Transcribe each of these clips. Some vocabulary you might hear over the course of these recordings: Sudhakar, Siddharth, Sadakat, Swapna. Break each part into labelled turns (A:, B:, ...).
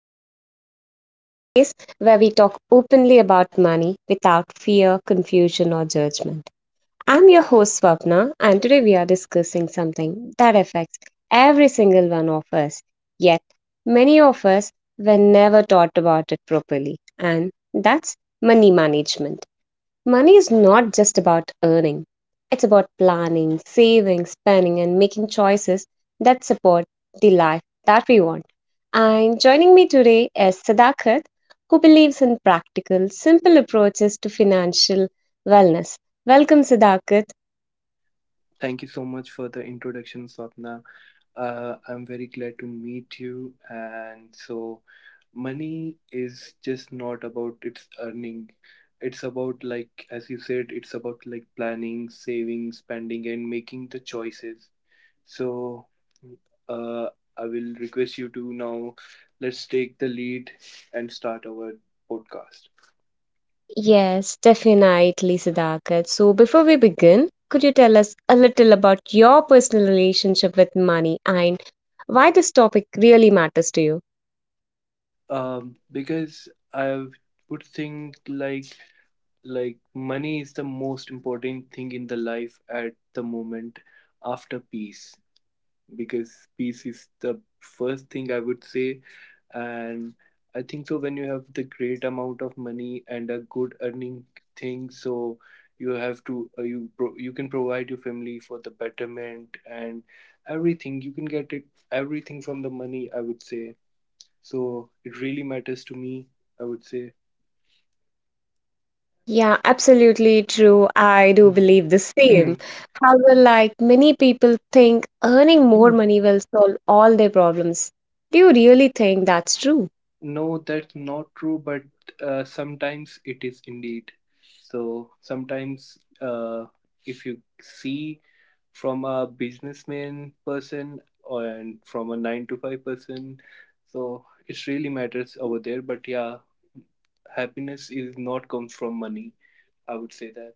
A: Money Matters, a space where we talk openly about money without fear, confusion, or judgment. I'm your host, Swapna, and today we are discussing something that affects every single one of us. Yet, many of us were never taught about it properly, and that's money management. Money is not just about earning. It's about planning, saving, spending, and making choices that support the life that we want. And joining me today is Sadakat, who believes in practical, simple approaches to financial wellness. Welcome, Sadakat.
B: Thank you so much for the introduction, Swapna. I'm very glad to meet you. And so, money is just not about its earning. It's about, like, as you said, it's about like planning, saving, spending, and making the choices. So, uh, I will request you to now let's take the lead and start our podcast.
A: Yes, definitely, Sadakat. So, before we begin, could you tell us a little about your personal relationship with money and why this topic really matters to you?
B: Because I would think like money is the most important thing in the life at the moment after peace, because peace is the first thing, I would say. And I think so when you have the great amount of money and a good earning thing, so you have to you can provide your family for the betterment, and everything you can get it, everything from the money, I would say. So it really matters to me, I would say.
A: Yeah, absolutely true. I do believe the same.
B: Mhm.
A: However, like many people think earning more money will solve all their problems. Do you really think that's true?
B: No, that's not true, but sometimes it is indeed. So sometimes, if you see from a businessman person or and from a nine to five person, so it really matters over there. But yeah, happiness is not comes from money. I would say that.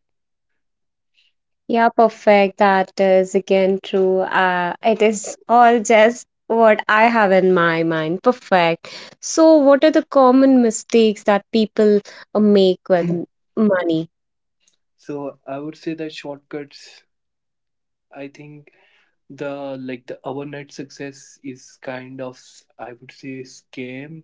A: Yeah, perfect. That is again true. It is all just what I have in my mind. Perfect. So, what are the common mistakes that people make with money?
B: So I would say that shortcuts. I think the overnight success is kind of, I would say, scam.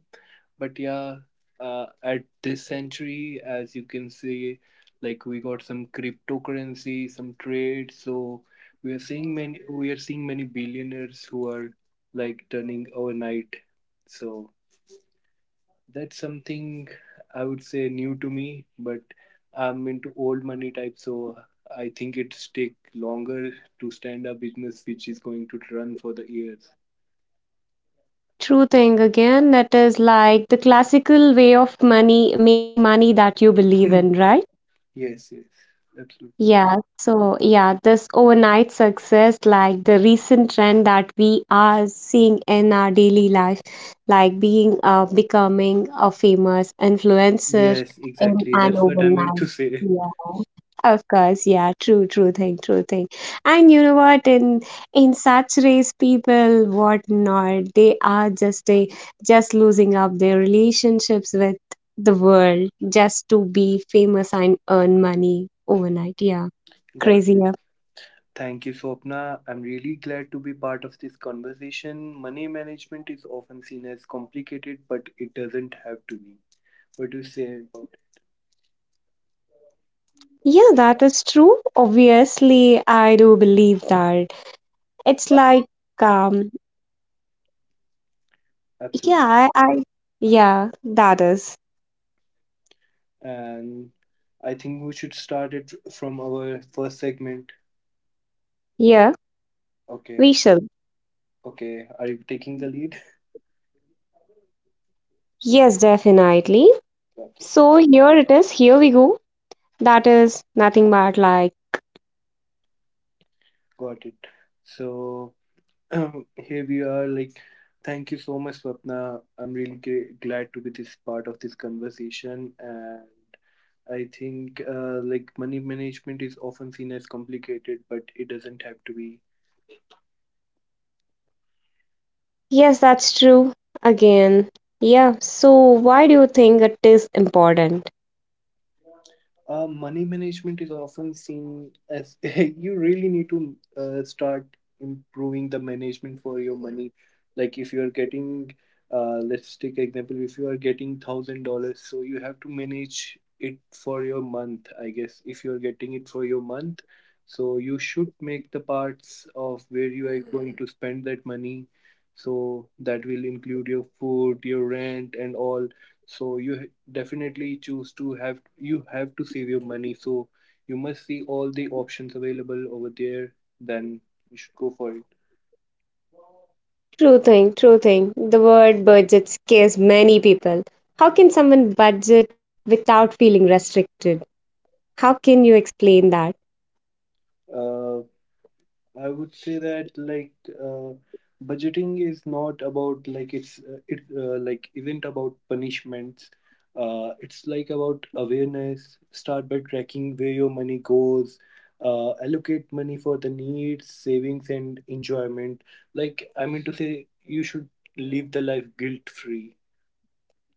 B: But yeah, at this century, as you can see, like we got some cryptocurrency, some trade, so we are seeing many billionaires who are like turning overnight. So that's something I would say new to me, but I'm into old money type. So I think it's take longer to stand a business which is going to run for the years.
A: True thing again, that is like the classical way of money making money that you believe in, right?
B: Yes, yes, absolutely.
A: Yeah, so yeah, this overnight success, like the recent trend that we are seeing in our daily life, like being becoming a famous influencer
B: Yes,
A: in
B: exactly.
A: an
B: That's what I meant
A: overnight.
B: to say.
A: Yeah. Of course, yeah, true thing, true thing. And you know what, in such race people, what not, they just losing up their relationships with the world just to be famous and earn money overnight. Yeah,
B: Got
A: crazy.
B: it.
A: Yeah.
B: Thank you, Swapna. I'm really glad to be part of this conversation. Money management is often seen as complicated, but it doesn't have to be. What do you say about
A: Yeah, that is true. Obviously, I do believe that. It's like, um,
B: it? Absolutely.
A: yeah, I, yeah, that is.
B: And I think we should start it from our first segment.
A: Yeah,
B: Okay.
A: we shall.
B: Okay. Are you taking the lead?
A: Yes, definitely.
B: Got it.
A: So here it is. Here we go. That is nothing but like,
B: Got it. So here we are. Like, thank you so much, Swapna. I'm really glad to be this part of this conversation, and I think like money management is often seen as complicated, but it doesn't have to be.
A: yes, that's true. Again, yeah. So why do you think it is important?
B: Money management is often seen as you really need to start improving the management for your money. Like if you are getting, let's take example, if you are getting $1,000, so you have to manage it for your month. I guess if you are getting it for your month, so you should make the parts of where you are going to spend that money. So that will include your food, your rent, and all. So you definitely choose to have, you have to save your money. So you must see all the options available over there, then you should go for it.
A: True thing, true thing. The word budget scares many people. How can someone budget without feeling restricted? How can you explain that?
B: uh, I would say that like uh, budgeting is not about like it's it like isn't about punishments. It's like about awareness. Start by tracking where your money goes. Allocate money for the needs, savings, and enjoyment. Like I mean to say, you should live the life guilt free.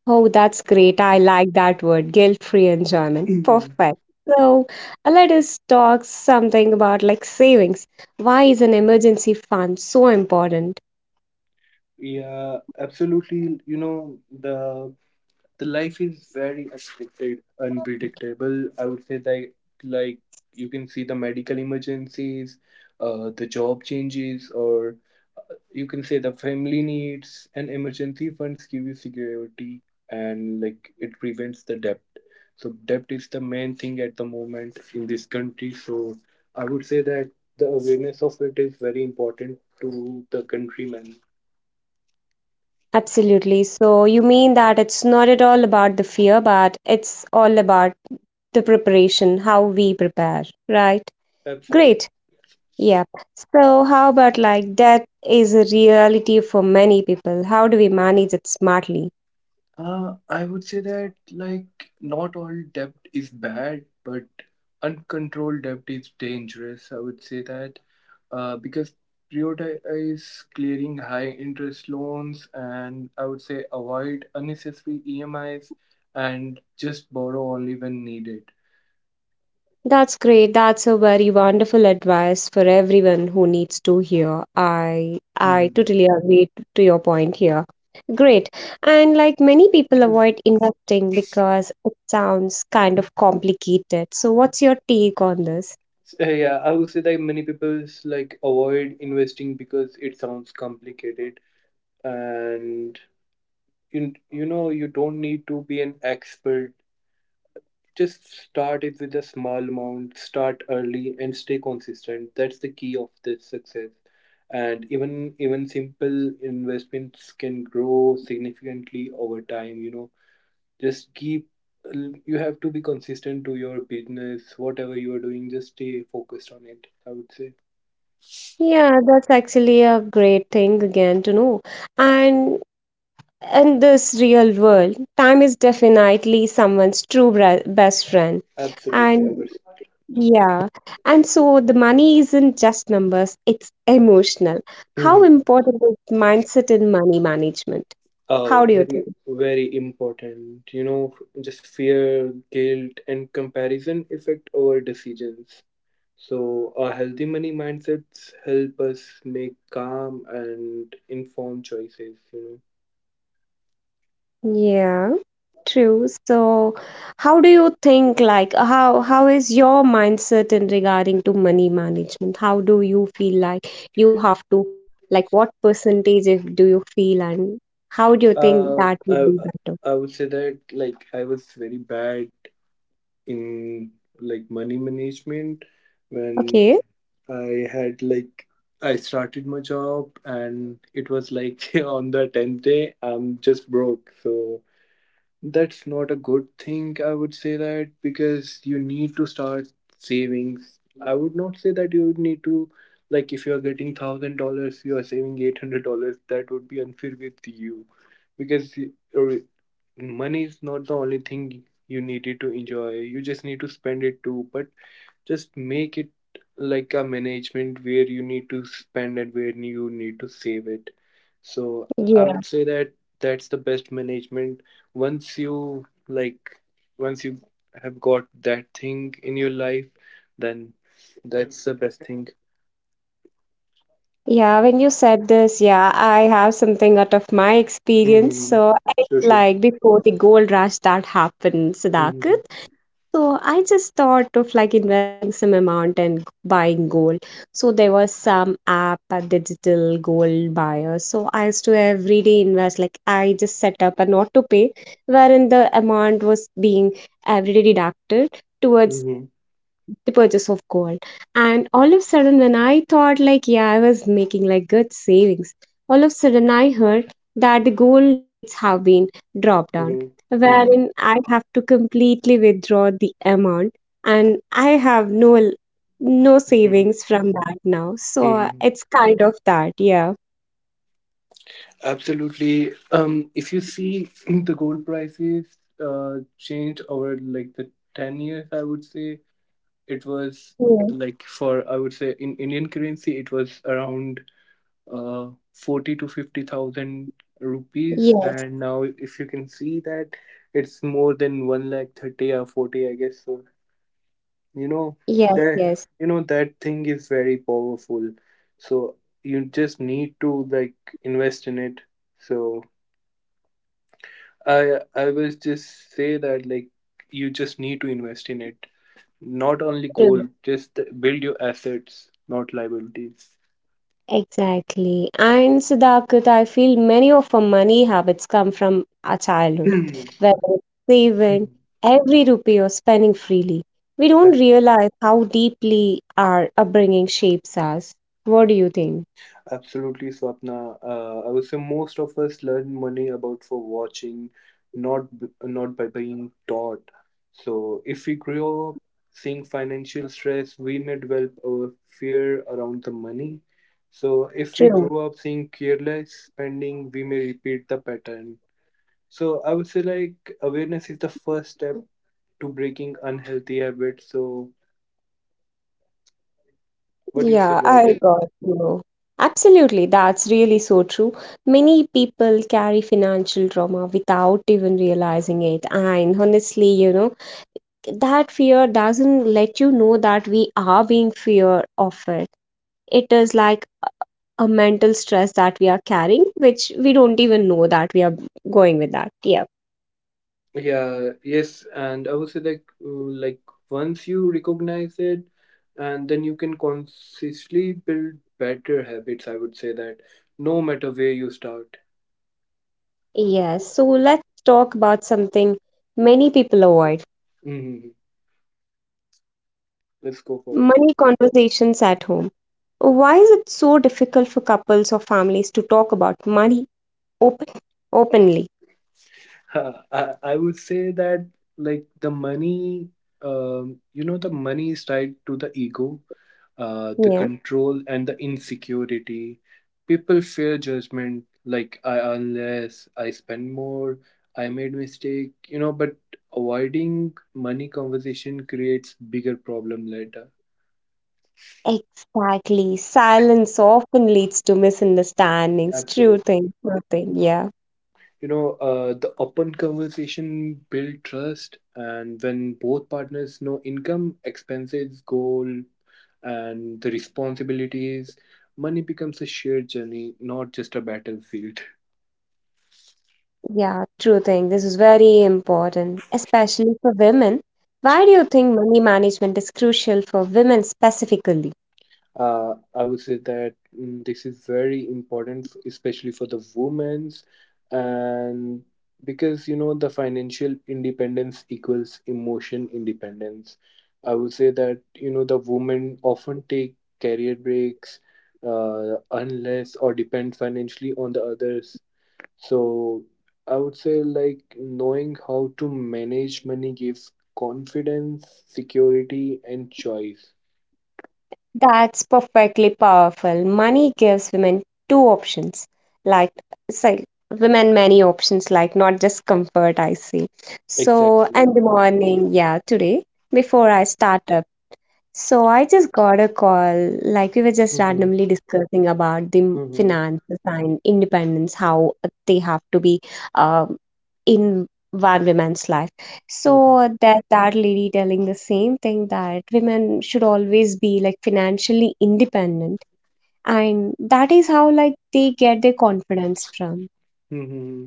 A: Oh, that's great. I like that word. Guilt-free enjoyment.
B: Mhm.
A: Perfect. So, let us talk something about like savings. Why is an emergency fund so important?
B: Yeah, absolutely. You know, the the life is very unpredicted unpredictable, I would say that. Like you can see the medical emergencies, the job changes, or you can say the family needs, and emergency funds give you security, and like it prevents the debt. So debt is the main thing at the moment in this country. So I would say that the awareness of it is very important to the countrymen.
A: Absolutely. So, you mean that it's not at all about the fear, but it's all about the preparation, how we prepare, right?
B: Absolutely.
A: Great. Yep. So, how about like death is a reality for many people? How do we manage it smartly?
B: I would say that like not all debt is bad, but uncontrolled debt is dangerous. I would say that because prioritize clearing high interest loans, and I would say avoid unnecessary EMIs, and just borrow only when needed.
A: That's great. That's a very wonderful advice for everyone who needs to hear. I
B: Mhm.
A: totally agree to your point here. Great. And like many people avoid investing because it sounds kind of complicated. So, what's your take on this?
B: So, yeah, I would say that many people like avoid investing because it sounds complicated. And you know you don't need to be an expert. Just start it with a small amount, start early, and stay consistent. That's the key of this success. And even simple investments can grow significantly over time, you know. Just keep, you have to be consistent to your business, whatever you are doing, just stay focused on it, I would say.
A: Yeah, that's actually a great thing again to know. And in this real world, time is definitely someone's true best friend.
B: Absolutely, I
A: And
B: would.
A: yeah, and so the money isn't just numbers, it's emotional. How
B: Mm-hmm.
A: important is mindset in money management? How
B: Oh,
A: do you think?
B: very, very important. You know, just fear, guilt, and comparison affect our decisions. So, a healthy money mindsets help us make calm and informed choices, you
A: Yeah, true. So, how do you think like how is your mindset in regarding to money management? How do you feel like you have to like what percentage do you feel and how do you
B: know.
A: think that would be better?
B: I would say that like I was very bad in like money management when
A: Okay.
B: I had like I started my job, and it was like on the 10th day I'm just broke. So that's not a good thing, I would say that, because you need to start savings. I would not say that you would need to, like, if you're getting $1,000, you are saving $800. That would be unfair with you, because uh, money is not the only thing you needed to enjoy. You just need to spend it too. But just make it like a management where you need to spend and where you need to save it. So I
A: Yeah.
B: would say that that's the best management. Once you like once you have got that thing in your life, then that's the best thing.
A: Yeah, when you said this, yeah, I have something out of my experience.
B: Hmm.
A: So,
B: Sure, sure.
A: like before the gold rush that happened,
B: Hmm.
A: Siddharth. So I just thought of like investing some amount and buying gold. So there was some app, a digital gold buyer. So I used to every day invest. Like I just set up an auto pay, wherein the amount was being every day deducted towards
B: Hmm.
A: the purchase of gold. And all of a sudden when I thought like, yeah, I was making like good savings, all of a sudden I heard that the gold rates have been dropped down,
B: Hmm.
A: wherein I have to completely withdraw the amount, and I have no
B: Hmm.
A: savings from that now. So
B: Hmm.
A: it's kind of that. Yeah,
B: Absolutely. If you see the gold prices change over like the 10 years, I would say, it was like for, I would say, in Indian currency, it was around 40 to 50,000 rupees.
A: yeah.
B: And now, if you can see that, it's more than 1 lakh 30 or 40, I guess. So, you know,
A: Yes,
B: that,
A: yes,
B: you know, that thing is very powerful. So, you just need to like invest in it. So, I was just say that like you just need to invest in it. Not only
A: yes.
B: gold, just build your assets, not liabilities.
A: Exactly. And Siddharth, I feel many of our money habits come from our childhood, whether it's saving
B: Mhm.
A: every rupee or spending freely. We don't
B: Ab-
A: realize how deeply our upbringing shapes us. What do you think?
B: Absolutely, Swapna. I would say most of us learn money about for watching, not by being taught. So if we grow up seeing financial stress, we may develop our fear around the money. So if we
A: True.
B: grow up seeing careless spending, we may repeat the pattern. So I would say like awareness is the first step to breaking unhealthy habits. So what do you say
A: Yeah, I
B: about it?
A: got you. Absolutely, that's really so true. Many people carry financial trauma without even realizing it. And honestly, that fear doesn't let you know that we are being fear of it is like a mental stress that we are carrying, which we don't even know that we are going with that. Yeah,
B: Yeah, yes, and I would say like once you recognize it, and then you can consistently build better habits. I would say that no matter where you start.
A: yes. So let's talk about something many people avoid:
B: Hmm. Let's go for it.
A: money conversations at home. Why is it so difficult for couples or families to talk about money open openly?
B: I would say that like the money, you know, the money is tied to the ego, the
A: Yeah,
B: control, and the insecurity. People fear judgment, like I unless I spend more, I made mistake, you know. But avoiding money conversation creates bigger problem later.
A: exactly. Silence often leads to misunderstandings. True
B: Absolutely.
A: thing, true thing. Yeah.
B: You know, the open conversation build trust, and when both partners know income, expenses, goal, and the responsibilities, money becomes a shared journey, not just a battlefield.
A: Yeah, true thing. This is very important, especially for women. Why do you think money management is crucial for women specifically?
B: I would say that this is very important, especially for the women's, and because you know the financial independence equals emotion independence. I would say that you know the women often take career breaks, unless or depend financially on the others. So I would say like knowing how to manage money gives confidence, security, and choice.
A: That's perfectly powerful. Money gives women two options, like, it's like women many options, like not just comfort, I see. So, in the
B: Exactly.
A: morning, yeah, today, before I start up. So I just got a call, like we were just randomly discussing about the
B: Mm-hmm.
A: finances and independence, how they have to be um, in one woman's life.
B: Mm-hmm.
A: So that that lady telling the same thing that women should always be like financially independent, and that is how like they get their confidence from.
B: Mm-hmm.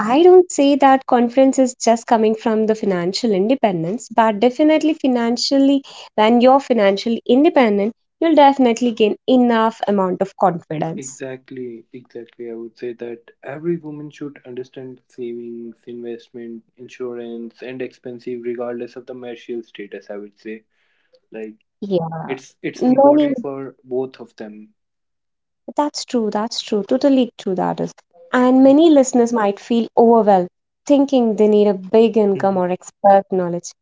A: I don't say that confidence is just coming from the financial independence, but definitely financially, when you're financially independent, you'll definitely gain enough amount of confidence.
B: Exactly, exactly. I would say that every woman should understand savings, investment, insurance, and expensive, regardless of the marital status. I would say, like,
A: Yeah.
B: it's
A: Many,
B: important for both of them.
A: that's true, totally true that is. And many listeners might feel overwhelmed, thinking they need a big income
B: Mhm.
A: or expert knowledge.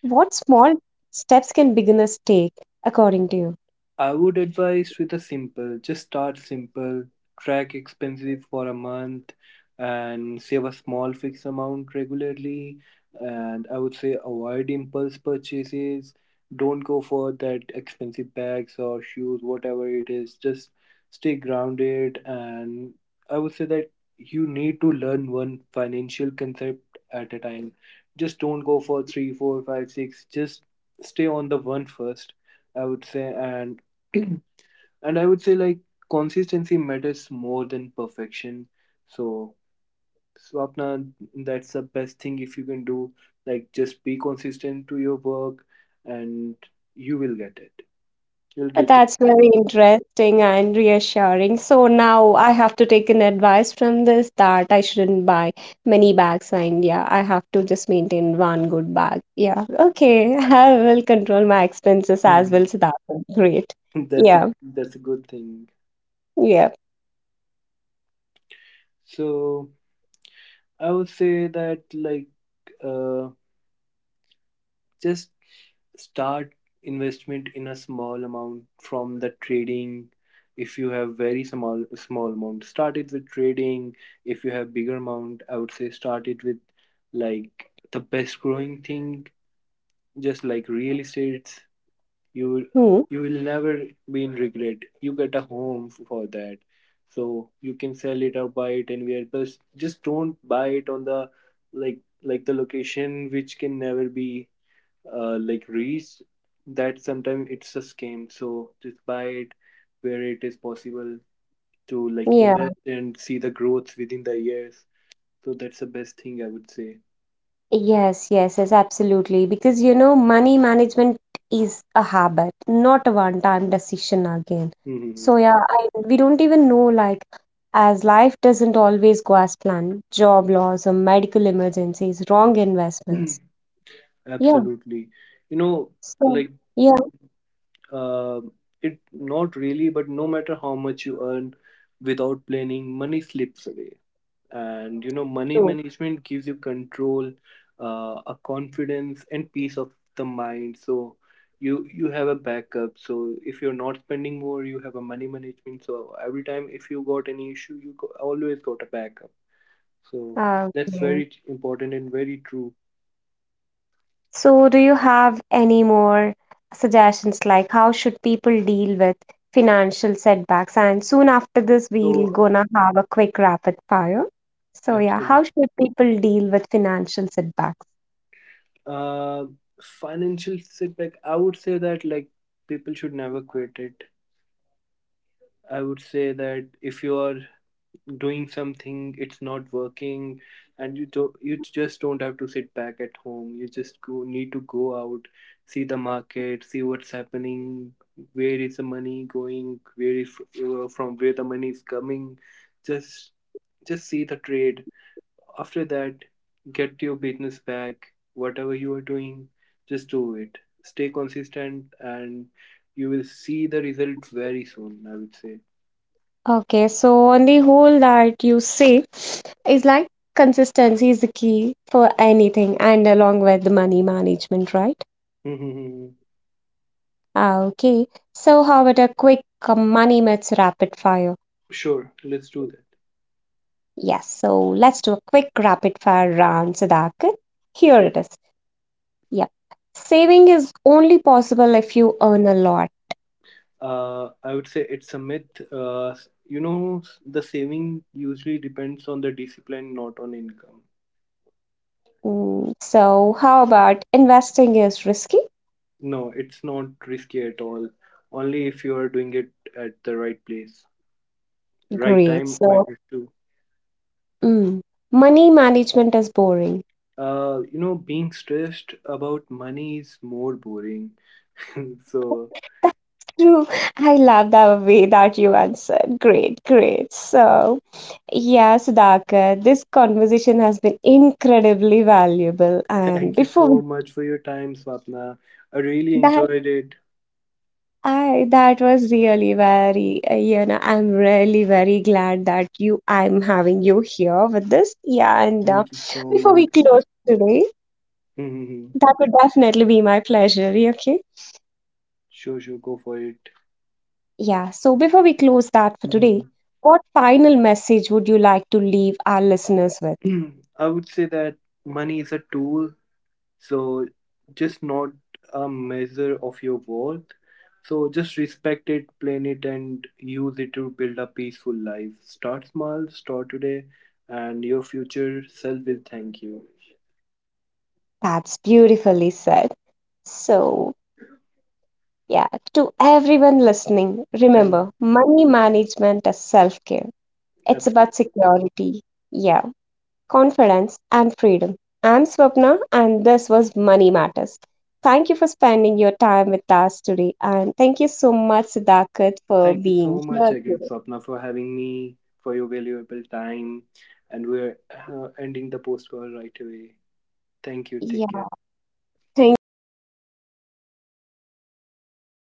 A: What small steps can beginners take, according to you?
B: I would advise with a simple, just start simple, track expenses for a month, and save a small fixed amount regularly. And I would say avoid impulse purchases. Don't go for that expensive bags or shoes, whatever it is. Just stay grounded. And I would say that you need to learn one financial concept at a time. Just don't go for three, four, five, six. Just stay on the one first, I would say. And and I would say like consistency matters more than perfection. So Swapna, that's the best thing if you can do. Like just be consistent to your work, and you will get it. You'll get the
A: That's
B: yeah.
A: very interesting and reassuring. So now I have to take an advice from this that I shouldn't buy many bags and yeah, I have to just maintain one good bag. Yeah. Okay. I will control my expenses as
B: Hmm.
A: well. So that's great.
B: that's a
A: Yeah.
B: that's a good thing.
A: Yeah.
B: So I would say that like Uh, just start investment in a small amount from the trading. If you have very small amount, start it with trading. If you have bigger amount, I would say start it with like the best growing thing, just like real estate. you
A: Hmm.
B: you will never be in regret. You get a home for that, so you can sell it or buy it anywhere. But just don't buy it on the like the location which can never be like reach, that sometimes it's a scam. So just buy it where it is possible to like
A: Yeah.
B: invest and see the growth within the years. So that's the best thing, I would say.
A: Yes, yes, yes, absolutely. Because money management is a habit, not a one-time decision again. So
B: Hmm.
A: yeah, we don't even know like as life doesn't always go as planned, job loss or medical emergencies, wrong investments. Yeah,
B: Absolutely. You know,
A: so
B: like
A: yeah,
B: uh, it not really, but no matter how much you earn without planning, money slips away. And you know money
A: true.
B: management gives you control, a confidence and peace of the mind. So you have a backup, so if you're not spending more, you have a money management. So every time if you got any issue, you go, always got a backup. So
A: Ah,
B: that's
A: okay.
B: very important and very true.
A: So, do you have any more suggestions like how should people deal with financial setbacks? And soon after this, we'll
B: So
A: gonna have a quick rapid fire. So, yeah,
B: absolutely.
A: how should people deal with financial setbacks?
B: uh Financial setback, I would say that like people should never quit it. I would say that if you are doing something, it's not working, and you just don't have to sit back at home, you just go need to go out, see the market, see what's happening, where is the money going, where is from where the money is coming. just just see the trade. After that, get your business back, whatever you are doing, just do it. Stay consistent, and you will see the results very soon, I would say.
A: Okay, so on the whole, that you say is like consistency is the key for anything, and along with the money management, right? Ah, okay, so how about a quick money myths rapid fire?
B: Sure, let's do that.
A: Yes, so let's do a quick rapid fire round, Sudhakar. Here
B: Sure.
A: it is. Yep. Saving is only possible if you earn a lot.
B: I would say it's a myth. You know, the saving usually depends on the discipline, not on income.
A: So, how about investing is risky?
B: No, it's not risky at all. Only if you are doing it at the right place, right
A: Great.
B: time
A: So,
B: matters too.
A: mm, money management is boring.
B: You know, being stressed about money is more boring. So,
A: That's true. I love the way that you answered. Great, great. So, yeah, Sudhakar, this conversation has been incredibly valuable. And
B: thank you
A: before we,
B: so much for your time, Swapna. I really
A: that
B: enjoyed it.
A: I that was really very I'm really very glad that you I'm having you here with this, yeah, and
B: Thank you so
A: before we
B: much.
A: close today,
B: Hmm.
A: that would definitely be my pleasure. Yeah, okay.
B: Sure, sure, go for it.
A: Yeah, so before we close that for today,
B: Hmm.
A: what final message would you like to leave our listeners with?
B: I would say that money is a tool, so just not a measure of your worth. So just respect it, plan it, and use it to build a peaceful life. Start small, start today, and your future self will thank you.
A: That's beautifully said. So yeah, to everyone listening,
B: Thank
A: remember money management is self care it's about
B: absolutely.
A: security, yeah, confidence, and freedom. I'm Swapna, and this was Money Matters. Thank you for spending your time with us today, and thank you so much, Sudhakar, for
B: Thank you
A: being
B: so much
A: here
B: again,
A: today.
B: Swapna, for having me, for your valuable time, and we're ending the post call right away. Thank you. Take care.
A: Yeah, thank you so much from all of our listeners as